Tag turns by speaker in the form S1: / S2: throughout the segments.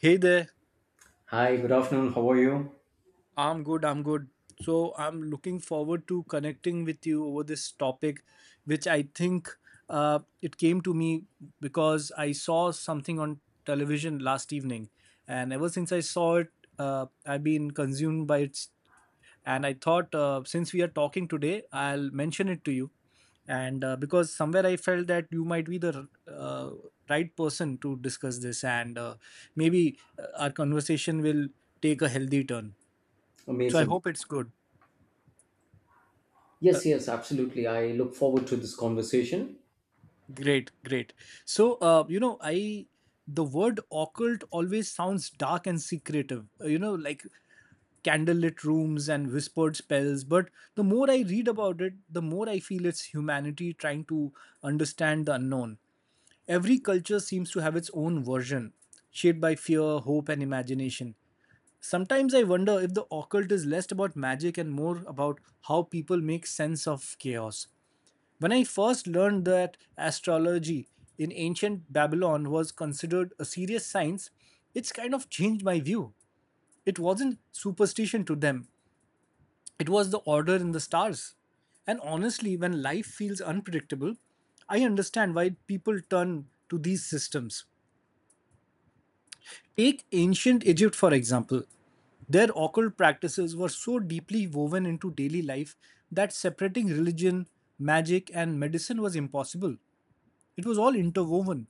S1: Hey there,
S2: Hi, good afternoon. How are you?
S1: I'm good, I'm good. So, I'm looking forward to connecting with you over this topic, which I think it came to me because I saw something on television last evening. And ever since I saw it, I've been consumed by it. And I thought, since we are talking today, I'll mention it to you. And because somewhere I felt that you might be the right person to discuss this, and maybe our conversation will take a healthy turn. So I
S2: Amazing.
S1: hope it's good. Uh,
S2: Yes, yes, absolutely. I look forward to this conversation.
S1: great, great. So you know, I the word occult always sounds dark and secretive. You know, like candlelit rooms and whispered spells. But the more I read about it, the more I feel it's humanity trying to understand the unknown. Every culture seems to have its own version, shaped by fear, hope, and imagination. Sometimes I wonder if the occult is less about magic and more about how people make sense of chaos. When I first learned that astrology in ancient Babylon was considered a serious science, it's kind of changed my view. It wasn't superstition to them, it was the order in the stars. And honestly, when life feels unpredictable, I understand why people turn to these systems. Take ancient Egypt, for example. Their occult practices were so deeply woven into daily life that separating religion, magic, and medicine was impossible. It was all interwoven.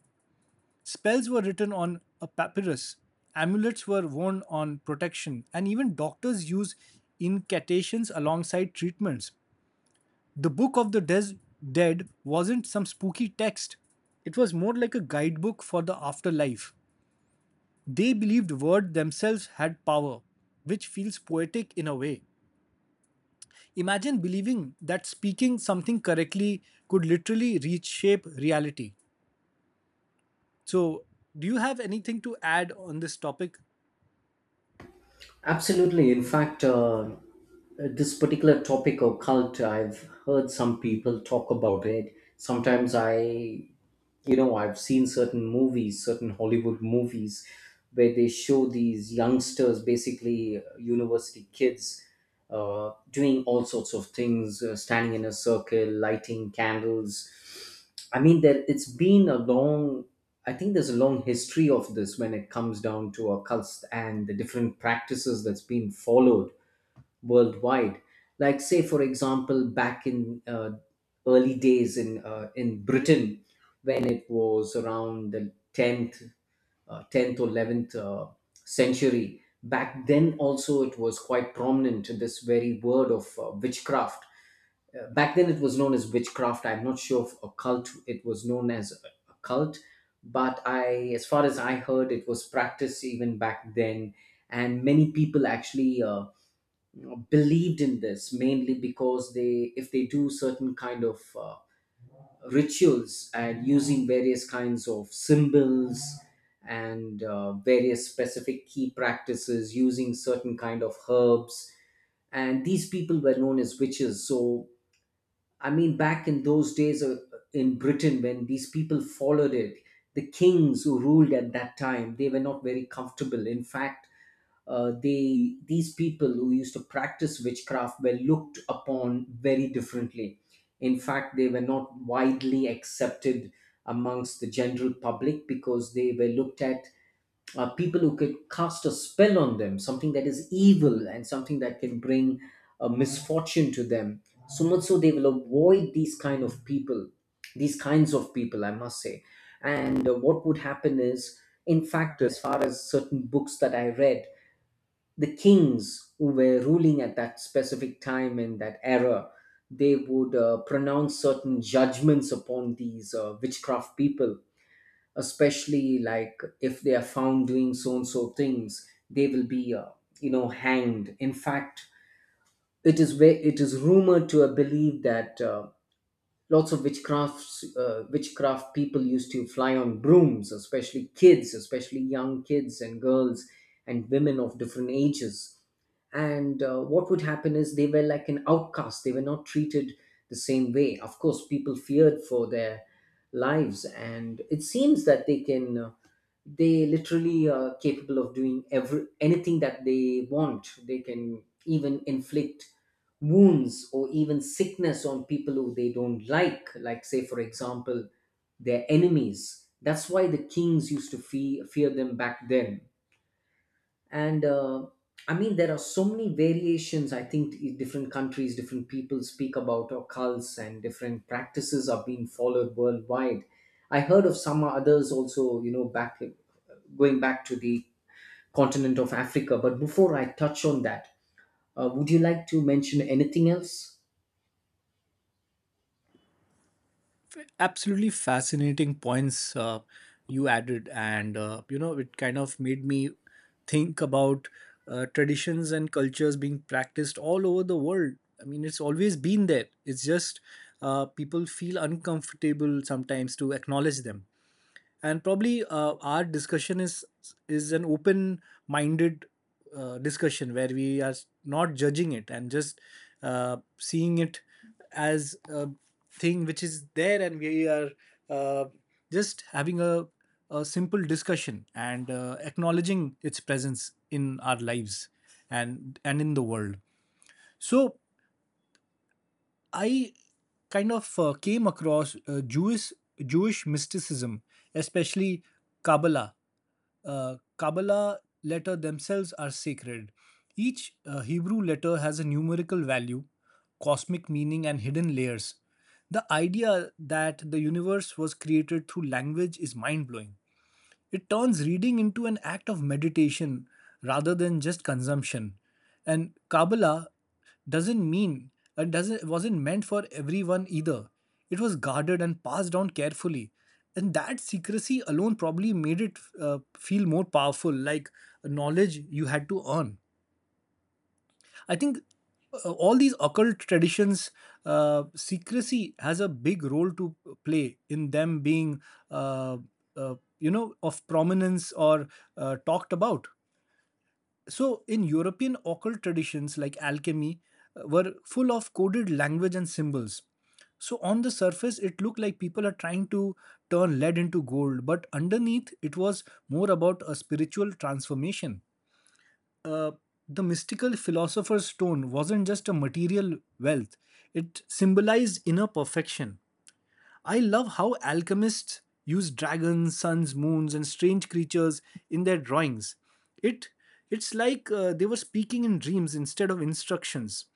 S1: Spells were written on a papyrus, amulets were worn on protection, and even doctors used incantations alongside treatments. The Book of the Dead wasn't some spooky text, it was more like a guidebook for the afterlife. They believed words themselves had power, which feels poetic in a way. Imagine believing that speaking something correctly could literally reshape reality. So, do you have anything to add on this topic?
S2: Absolutely. In fact, this particular topic of cult, I've heard some people talk about it. Sometimes I I've seen certain movies, certain Hollywood movies, where they show these youngsters, basically university kids, doing all sorts of things, standing in a circle, lighting candles. I mean, there it's been a long I think there's a long history of this when it comes down to occults and the different practices that's been followed worldwide. Like, say, for example, back in early days in Britain, when it was around the tenth or 11th century. Back then also it was quite prominent. This very word of witchcraft, back then it was known as witchcraft. I'm not sure if occult, it was known as a cult, but I as far as I heard, it was practiced even back then, and many people actually believed in this, mainly because they if they do certain kind of rituals, and using various kinds of symbols and various specific key practices, using certain kind of herbs. And these people were known as witches. So I mean, back in those days in Britain, when these people followed it, the kings who ruled at that time, they were not very comfortable. In fact, they these people who used to practice witchcraft were looked upon very differently. In fact, they were not widely accepted amongst the general public because they were looked at people who could cast a spell on them, something that is evil and something that can bring a misfortune to them. So much so they will avoid these kind of people, these kinds of people, I must say. And what would happen is, in fact, as far as certain books that I read, the kings who were ruling at that specific time in that era, they would pronounce certain judgments upon these witchcraft people, especially like if they are found doing so and so things, they will be hanged. In fact, it is it is rumored to have believed that lots of witchcrafts, witchcraft people used to fly on brooms, especially kids, especially young kids and girls and women of different ages. And what would happen is they were like an outcast. They were not treated the same way. Of course, people feared for their lives, and it seems that they literally are capable of doing every anything that they want. They can even inflict wounds or even sickness on people who they don't like say for example their enemies. That's why the kings used to fear them back then. And I mean, there are so many variations. Different countries, different people speak about occults, and different practices are being followed worldwide. I heard of some others also, you know, back going back to the continent of Africa. But before I touch on that, would you like to mention anything else?
S1: Absolutely fascinating points you added, and you know, it kind of made me think about traditions and cultures being practiced all over the world. I mean, it's always been there, it's just people feel uncomfortable sometimes to acknowledge them. And probably our discussion is an open minded discussion where we are not judging it and just seeing it as a thing which is there, and we are uh, just having a simple discussion and acknowledging its presence in our lives and in the world. So I kind of came across Jewish mysticism, especially Kabbalah. Kabbalah letter themselves are sacred. Each Hebrew letter has a numerical value, cosmic meaning, and hidden layers. The idea that the universe was created through language is mind blowing. It turns reading into an act of meditation rather than just consumption. And Kabbalah doesn't mean doesn't wasn't meant for everyone either. It was guarded and passed down carefully, and that secrecy alone probably made it feel more powerful, like knowledge you had to earn. I think all these occult traditions, secrecy has a big role to play in them being, uh, you know, of prominence or talked about. So, in European occult traditions like alchemy, were full of coded language and symbols. So, on the surface, it looked like people are trying to turn lead into gold, but underneath, it was more about a spiritual transformation. Uh, the mystical philosopher's stone wasn't just a material wealth, it symbolized inner perfection. I love how alchemists use dragons, suns, moons, and strange creatures in their drawings. It it's like they were speaking in dreams instead of instructions.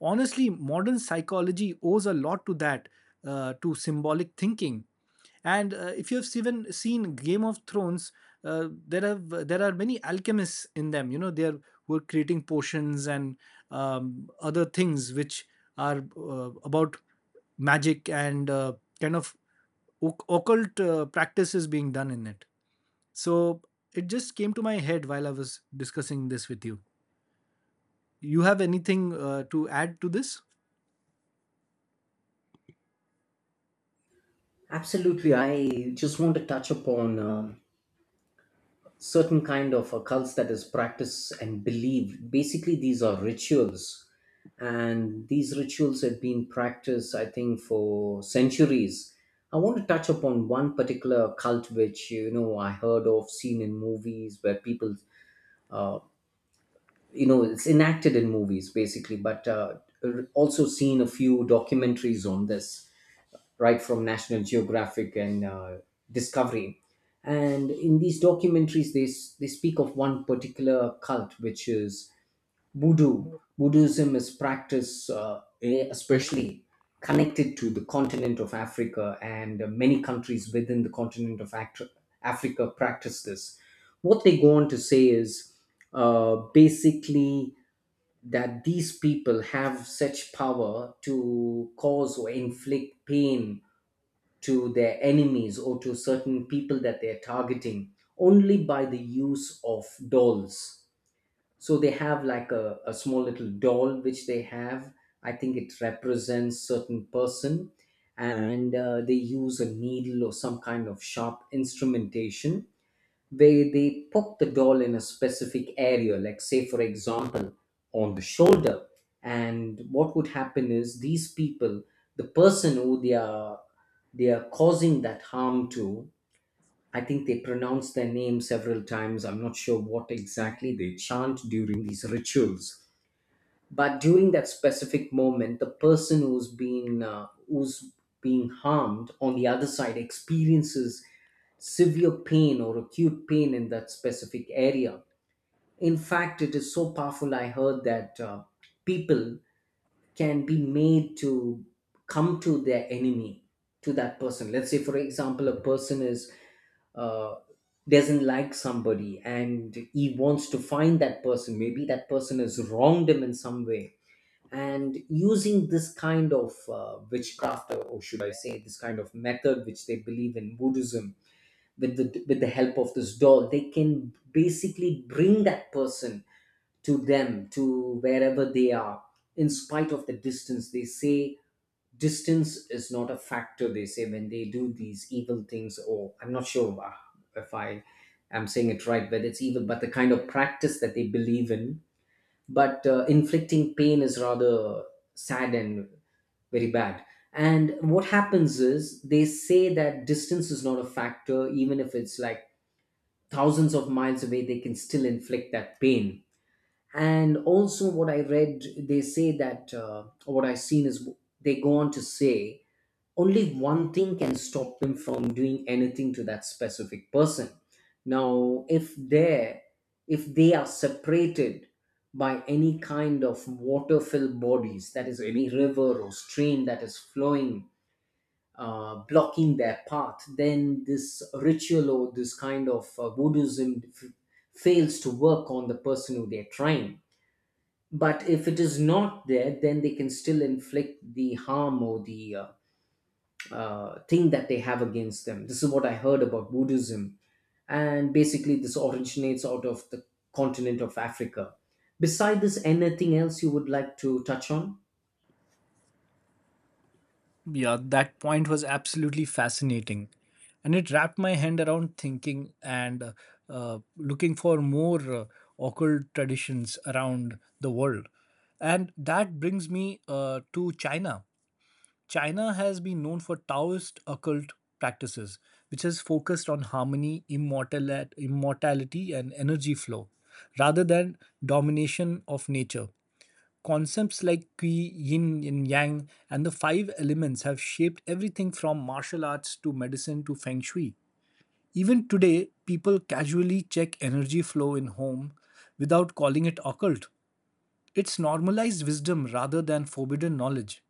S1: Honestly, modern psychology owes a lot to that, to symbolic thinking. And if you've even seen Game of Thrones, there are many alchemists in them. You know, they are, were creating potions and other things which are about magic and kind of occult practices being done in it. So it just came to my head while I was discussing this with you. You have anything to add to this?
S2: Absolutely. I just want to touch upon certain kind of occults that is practiced and believed. Basically, these are rituals, and these rituals have been practiced, I think, for centuries. I want to touch upon one particular cult which, you know, I heard of, seen in movies, where people, uh, it's enacted in movies basically, but also seen a few documentaries on this, right from National Geographic and Discovery. And in these documentaries, they speak of one particular cult, which is Voodoo. Buddhism is practice, especially connected to the continent of Africa, and many countries within the continent of Africa practice this. What they go on to say is basically that these people have such power to cause or inflict pain to their enemies or to certain people that they're targeting, only by the use of dolls. So they have like a small little doll which they have. I think it represents certain person. And they use a needle or some kind of sharp instrumentation where they poke the doll in a specific area, like say for example on the shoulder. And what would happen is the person who they are causing that harm to, I think they pronounce their name several times. I'm not sure what exactly they chant during these rituals. But during that specific moment, the person who's been who's being harmed on the other side experiences severe pain or acute pain in that specific area. In fact, it is so powerful. I heard that people can be made to come to their enemy, to that person. Let's say, for example, a person is uh, doesn't like somebody, and he wants to find that person. Maybe that person has wronged him in some way, and using this kind of witchcraft, or should I say this kind of method which they believe in Buddhism. With the help of this doll, they can basically bring that person to them, to wherever they are, in spite of the distance. They say distance is not a factor. They say when they do these evil things, or I'm not sure if I am saying it right, whether it's evil, but the kind of practice that they believe in. But inflicting pain is rather sad and very bad. And what happens is they say that distance is not a factor, even if it's like thousands of miles away, they can still inflict that pain. And also what I read, they say that, or what I've seen, is they go on to say only one thing can stop them from doing anything to that specific person. Now, if they are separated by any kind of water filled bodies, that is any river or stream that is flowing, blocking their path, then this ritual or this kind of Buddhism fails to work on the person who they're trying. But if it is not there, then they can still inflict the harm or the thing that they have against them. This is what I heard about Buddhism. And basically, this originates out of the continent of Africa. Beside this, anything else you would like to touch on?
S1: Yeah, that point was absolutely fascinating. And it wrapped my hand around thinking and looking for more occult traditions around the world. And that brings me to China. China has been known for Taoist occult practices, which has focused on harmony, immortality, and energy flow, rather than domination of nature. Concepts like Qi, Yin, and Yang, and the five elements have shaped everything from martial arts to medicine to Feng Shui. Even today, people casually check energy flow in home without calling it occult. It's normalized wisdom rather than forbidden knowledge.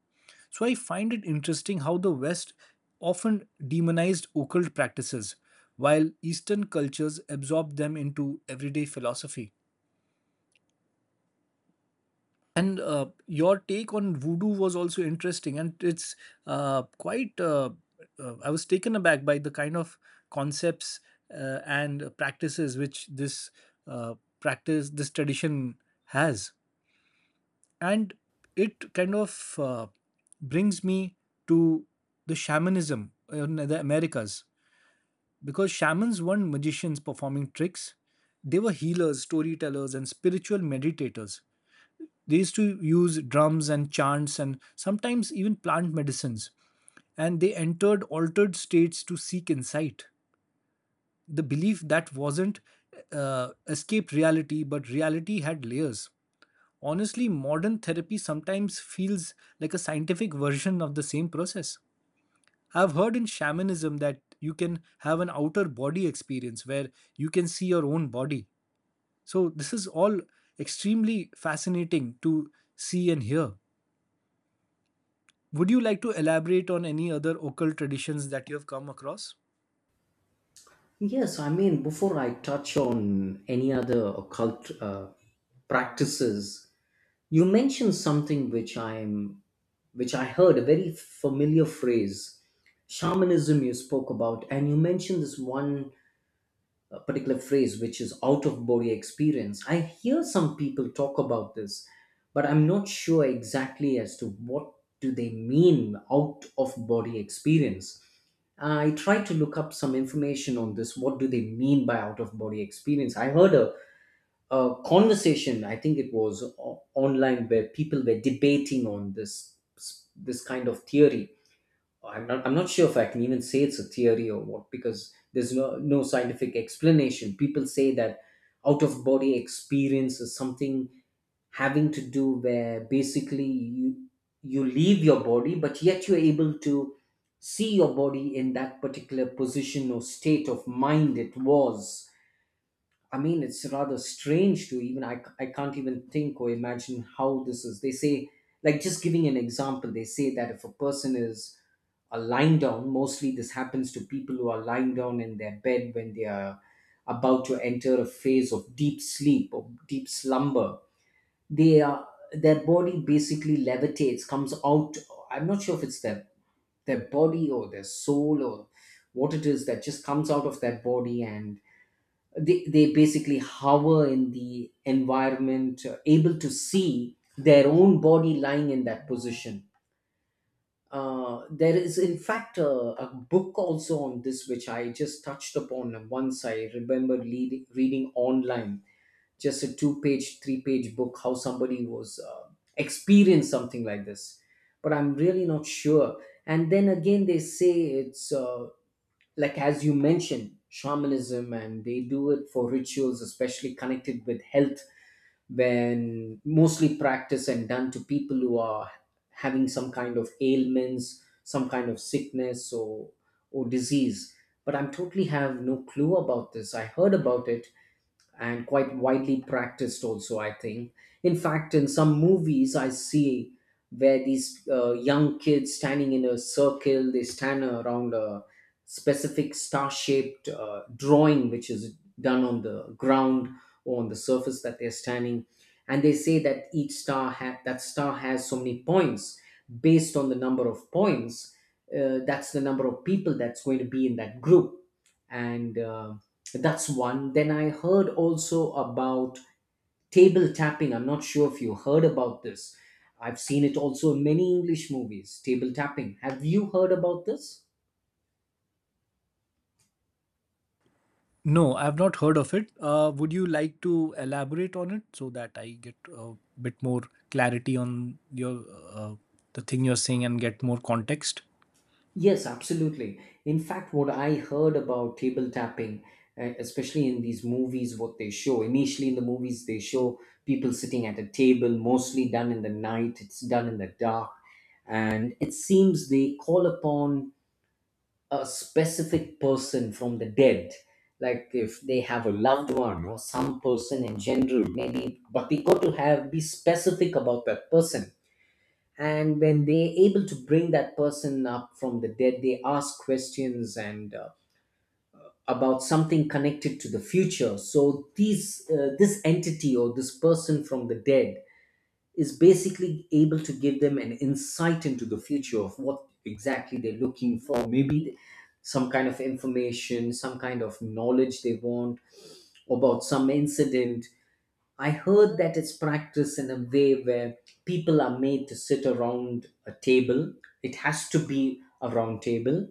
S1: So I find it interesting how the West often demonized occult practices, while Eastern cultures absorbed them into everyday philosophy. And your take on voodoo was also interesting, and it's quite. I was taken aback by the kind of concepts and practices which this uh, practice, this tradition has. And it kind of brings me to the shamanism in the Americas, because shamans weren't magicians performing tricks, they were healers, storytellers, and spiritual meditators. They used to use drums and chants and sometimes even plant medicines, and they entered altered states to seek insight. The belief that wasn't uh, escaped reality, but reality had layers. Honestly, modern therapy sometimes feels like a scientific version of the same process. I've heard in shamanism that you can have an outer body experience where you can see your own body. So, this is all extremely fascinating to see and hear. Would you like to elaborate on any other occult traditions that you have come across?
S2: Yes, I mean, before I touch on any other occult practices, you mentioned something which which I heard, a very familiar phrase, shamanism, you spoke about, and you mentioned this one a particular phrase, which is out of body experience. I hear some people talk about this, but I'm not sure exactly as to what do they mean out of body experience. I tried to look up some information on this, what do they mean by out of body experience. I heard a conversation, I think it was online, where people were debating on this, this kind of theory. I'm not sure if I can even say it's a theory or what, because there's no scientific explanation. People say that out of body experience is something having to do where basically you leave your body but yet you're able to see your body in that particular position or state of mind it was. I mean, it's rather strange to even, I can't even think or imagine how this is. They say, like, just giving an example, they say that if a person is lying down, mostly this happens to people who are lying down in their bed when they are about to enter a phase of deep sleep or deep slumber. Their body basically levitates, comes out. I'm not sure if it's their body or their soul or what it is that just comes out of their body. And they basically hover in the environment, able to see their own body lying in that position. There is, in fact, a book also on this, which I just touched upon once. I remember reading online, just a two page, three-page book, how somebody was experienced something like this. But I'm really not sure. And then again, they say it's like as you mentioned shamanism, and they do it for rituals, especially connected with health, when mostly practiced and done to people who are having some kind of ailments, some kind of sickness or disease. But I'm totally have no clue about this. I heard about it, and quite widely practiced also, I think. In fact, in some movies I see where these young kids standing in a circle, they stand around a specific star shaped drawing which is done on the ground or on the surface that they're standing. And they say that each that star has so many points. Based on the number of points, that's the number of people that's going to be in that group. And that's one. Then I heard also about table tapping. I'm not sure if you heard about this. I've seen it also in many English movies, table tapping. Have you heard about this?
S1: No, I've not heard of it. Would you like to elaborate on it so that I get a bit more clarity on your uh, the thing you're saying and get more context?
S2: Yes, absolutely. In fact, what I heard about table tapping, especially in these movies, what they show initially in the movies, they show people sitting at a table, mostly done in the night, it's done in the dark. And it seems they call upon a specific person from the dead, like if they have a loved one or some person in general maybe, but we got to have be specific about that person. And when they are able to bring that person up from the dead, they ask questions and about something connected to the future. So these this entity or this person from the dead is basically able to give them an insight into the future of what exactly they're looking for, maybe some kind of information, some kind of knowledge they want about some incident. I heard that it's practiced in a way where people are made to sit around a table. It has to be a round table.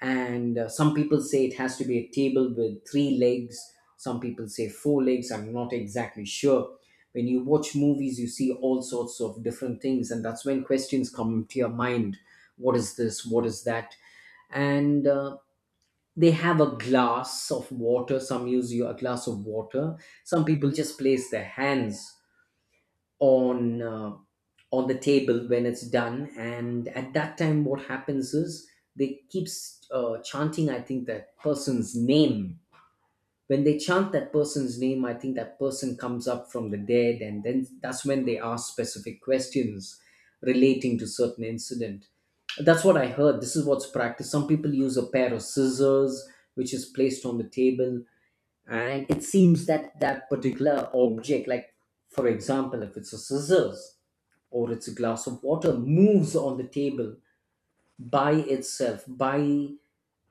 S2: And some people say it has to be a table with three legs, some people say four legs. I'm not exactly sure. When you watch movies, you see all sorts of different things, and that's when questions come to your mind: what is this, what is that. And They have a glass of water, some use you a glass of water, some people just place their hands on uh, on the table. When it's done, and at that time, what happens is they keeps chanting, I think, that person's name. When they chant that person's name, I think that person comes up from the dead, and then that's when they ask specific questions relating to certain incident. That's what I heard. This is what's practiced. Some people use a pair of scissors which is placed on the table, and it seems that that particular object, like for example, if it's a scissors or it's a glass of water, moves on the table by itself, by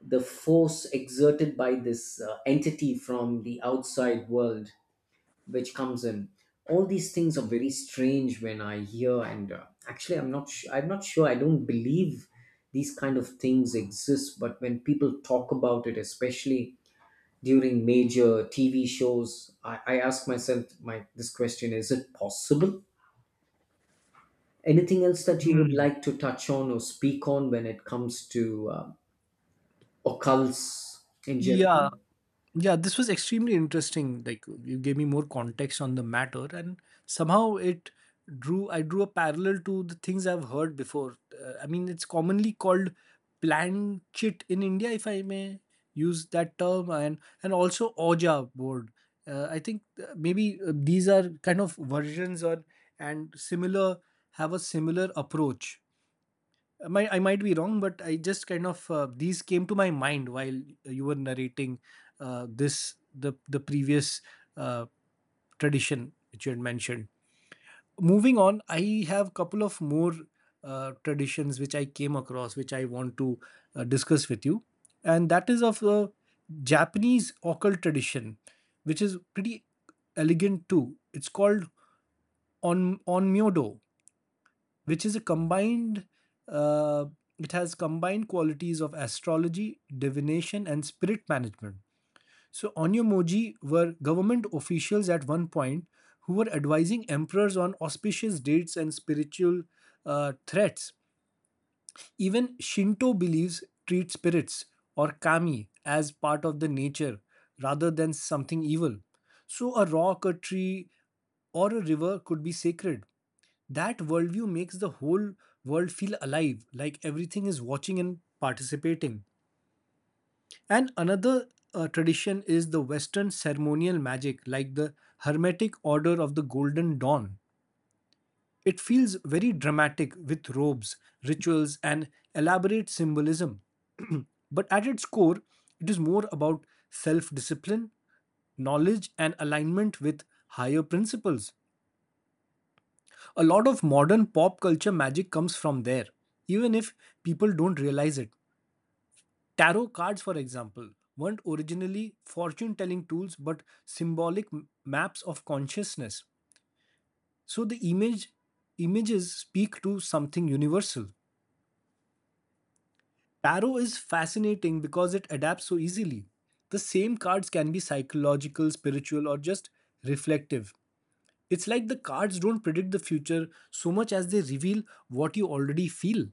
S2: the force exerted by this entity from the outside world which comes in. All these things are very strange when I hear, and actually, I'm not sure, I don't believe these kind of things exist. But when people talk about it, especially during major TV shows, I ask myself my this question: is it possible? Anything else that you would
S1: Hmm.
S2: like to touch on or speak on when it comes to occults in
S1: Yeah.
S2: Japan?
S1: Yeah, this was extremely interesting, like you gave me more context on the matter, and somehow it drew I drew a parallel to the things I've heard before. I mean, it's commonly called planchet in India, if I may use that term, and also oja board. I think maybe these are kind of versions or and similar, have a similar approach. Might I might be wrong, but I just kind of these came to my mind while you were narrating this the previous uh, tradition which you had mentioned. Moving on, I have couple of more traditions which I came across, which I want to discuss with you, and that is of the Japanese occult tradition, which is pretty elegant too. It's called on onmyodo, which is a combined uh, it has combined qualities of astrology, divination, and spirit management. So onyomoji were government officials at one point, who were advising emperors on auspicious dates and spiritual threats. Even Shinto beliefs treat spirits or kami as part of the nature rather than something evil. So a rock, a tree, or a river could be sacred. That worldview makes the whole world feel alive, like everything is watching and participating. And another tradition is the Western ceremonial magic, like the Hermetic Order of the Golden Dawn. It feels very dramatic with robes, rituals, and elaborate symbolism. But at its core, it is more about self discipline, knowledge, and alignment with higher principles. A lot of modern pop culture magic comes from there, even if people don't realize it. Tarot cards, for example, weren't originally fortune telling tools but symbolic maps of consciousness. So the image images speak to something universal. Tarot is fascinating because it adapts so easily. The same cards can be psychological, spiritual, or just reflective. It's like the cards don't predict the future so much as they reveal what you already feel.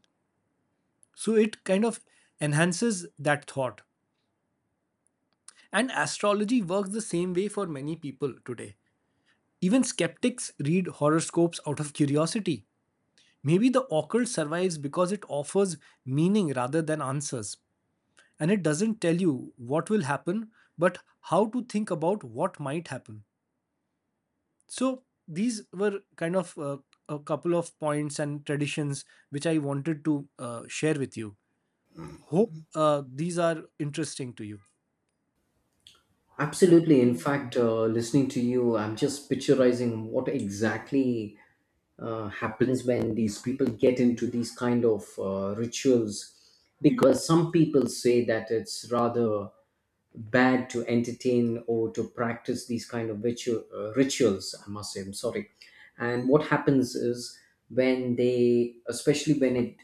S1: So it kind of enhances that thought. And astrology works the same way for many people today. Even skeptics read horoscopes out of curiosity. Maybe the occult survives because it offers meaning rather than answers. And it doesn't tell you what will happen, but how to think about what might happen. So these were kind of a couple of points and traditions which I wanted to share with you. Hope these are interesting to you.
S2: Absolutely. In fact, listening to you, I'm just picturizing what exactly happens when these people get into these kind of rituals. Because some people say that it's rather bad to entertain or to practice these kind of rituals, I must say, I'm sorry. And what happens is when they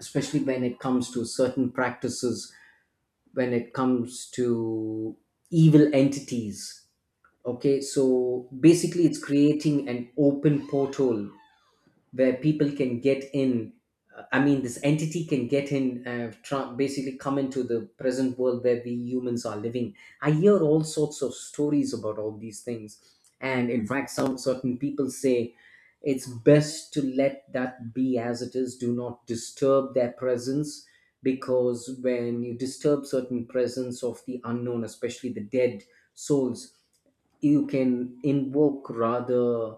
S2: especially when it comes to certain practices, when it comes to evil entities, okay, so basically it's creating an open portal where people can get in. I mean, this entity can get in, basically come into the present world where we humans are living. I hear all sorts of stories about all these things, and in fact, some certain people say it's best to let that be as it is. Do not disturb their presence, because when you disturb certain presence of the unknown, especially the dead souls, you can invoke rather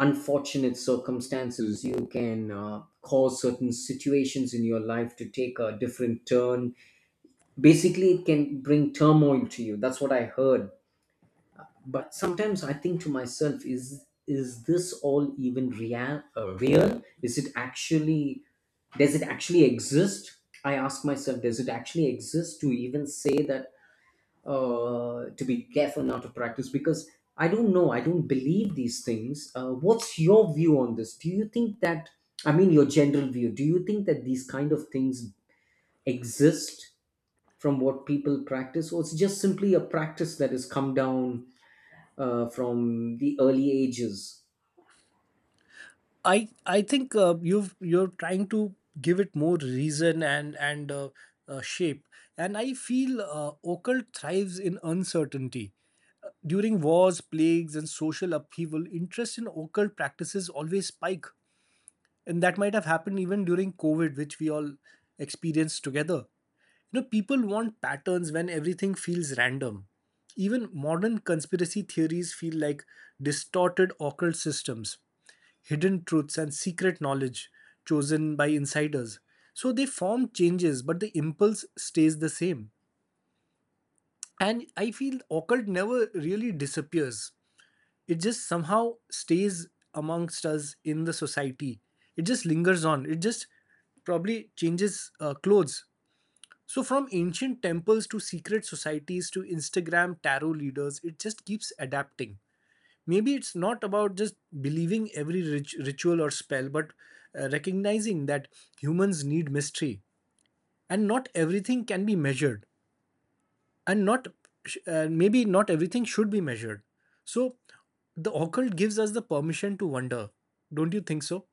S2: unfortunate circumstances. You can cause certain situations in your life to take a different turn. Basically, it can bring turmoil to you. That's what I heard. But sometimes I think to myself, is this all even real, is it actually, does it actually exist? I ask myself, does it actually exist to even say that to be careful not to practice? Because I don't know. I don't believe these things. What's your view on this? Do you think that, I mean, your general view, do you think that these kind of things exist from what people practice, or it's just simply a practice that has come down from the early ages?
S1: I think you're trying to give it more reason and shape. And I feel occult thrives in uncertainty. During wars, plagues, and social upheaval, interest in occult practices always spike, and that might have happened even during COVID, which we all experienced together. You know, people want patterns when everything feels random. Even modern conspiracy theories feel like distorted occult systems, hidden truths and secret knowledge chosen by insiders. So they form changes, but the impulse stays the same. And I feel occult never really disappears, it just somehow stays amongst us in the society. It just lingers on, it just probably changes clothes. So from ancient temples to secret societies to Instagram tarot leaders, it just keeps adapting. Maybe it's not about just believing every ritual or spell, but recognizing that humans need mystery, and not everything can be measured, and not maybe not everything should be measured. So the occult gives us the permission to wonder, don't you think so?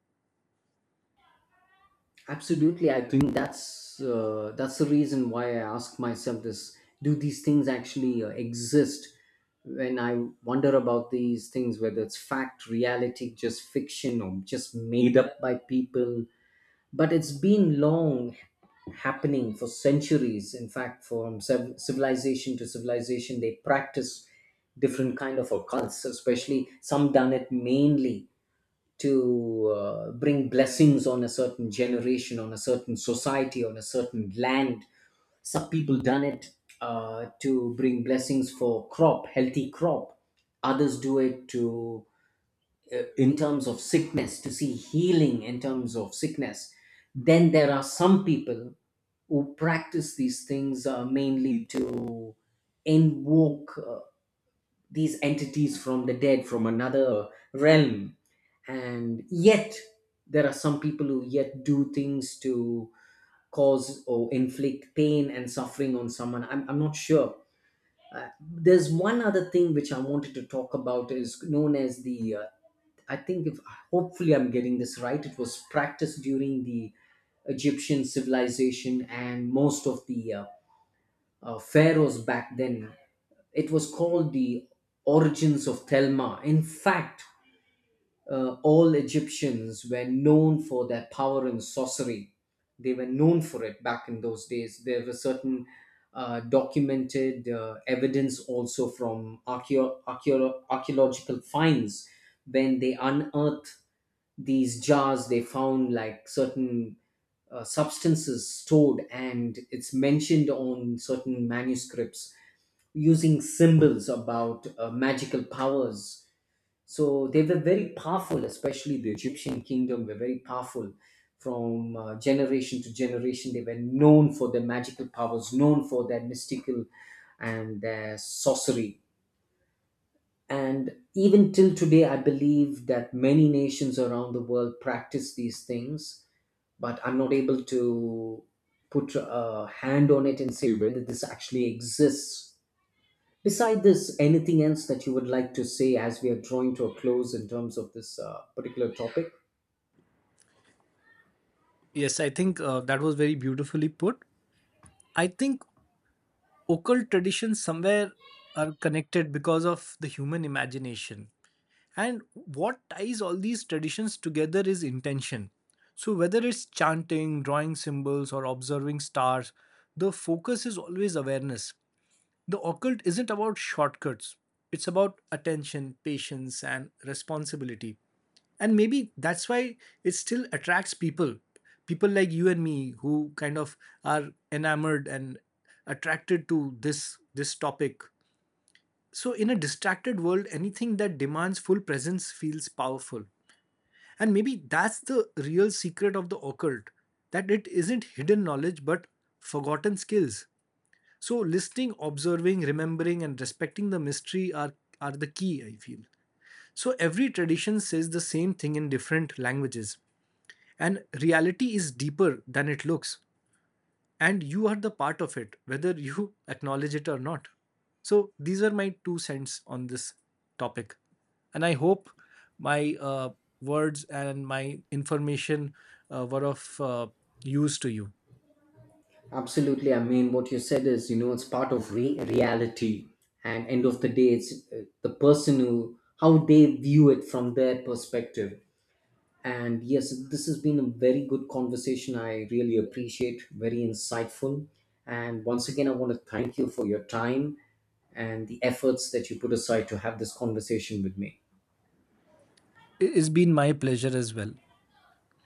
S2: Absolutely, I think that's the reason why I ask myself this: do these things actually exist? When I wonder about these things, whether it's fact, reality, just fiction, or just made up by people, but it's been long happening for centuries. In fact, from civilization to civilization, they practice different kind of occults. Especially some done it mainly to bring blessings on a certain generation, on a certain society, on a certain land. Some people done it to bring blessings for crop, healthy crop. Others do it to, in terms of sickness, to see healing in terms of sickness. Then there are some people who practice these things mainly to invoke these entities from the dead, from another realm. And yet there are some people who yet do things to cause or inflict pain and suffering on someone. I'm not sure. There's one other thing which I wanted to talk about, is known as the I think, if hopefully I'm getting this right, it was practiced during the Egyptian civilization, and most of the pharaohs back then. It was called the Origins of Thelma. In fact, all Egyptians were known for their power in sorcery. They were known for it back in those days. There were certain documented evidence also from archaeological finds. When they unearthed these jars, they found like certain substances stored, and it's mentioned on certain manuscripts using symbols about magical powers. So they were very powerful, especially the Egyptian kingdom were very powerful. From generation to generation, they were known for their magical powers, known for their mystical and their sorcery. And even till today, I believe that many nations around the world practice these things, but I'm not able to put a hand on it and say whether this actually exists. Beside this, anything else that you would like to say as we are drawing to a close in terms of this particular topic?
S1: Yes, I think that was very beautifully put. I think occult traditions somewhere are connected because of the human imagination. And what ties all these traditions together is intention. So whether it's chanting, drawing symbols, or observing stars, the focus is always awareness. The occult isn't about shortcuts, it's about attention, patience, and responsibility. And maybe that's why it still attracts people. People like you and me, who kind of are enamored and attracted to this topic. So in a distracted world, anything that demands full presence feels powerful. And maybe that's the real secret of the occult, that it isn't hidden knowledge but forgotten skills. So listening, observing, remembering, and respecting the mystery are the key, I feel. So every tradition says the same thing in different languages. And reality is deeper than it looks. And you are the part of it, whether you acknowledge it or not. So these are my two cents on this topic. And I hope my words and my information were of use to you.
S2: Absolutely. I mean, what you said is, you know, it's part of reality. And end of the day, it's the person who, how they view it from their perspective. And yes, this has been a very good conversation. I really appreciate, very insightful. And once again, I want to thank you for your time and the efforts that you put aside to have this conversation with me.
S1: It's been my pleasure as well.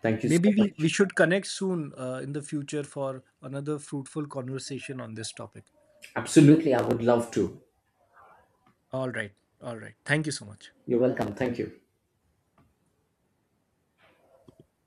S2: Thank you so
S1: Maybe we
S2: much.
S1: should connect soon in the future for another fruitful conversation on this topic.
S2: Absolutely, I would love to.
S1: All right. All right. Thank you so much.
S2: You're welcome. Thank you.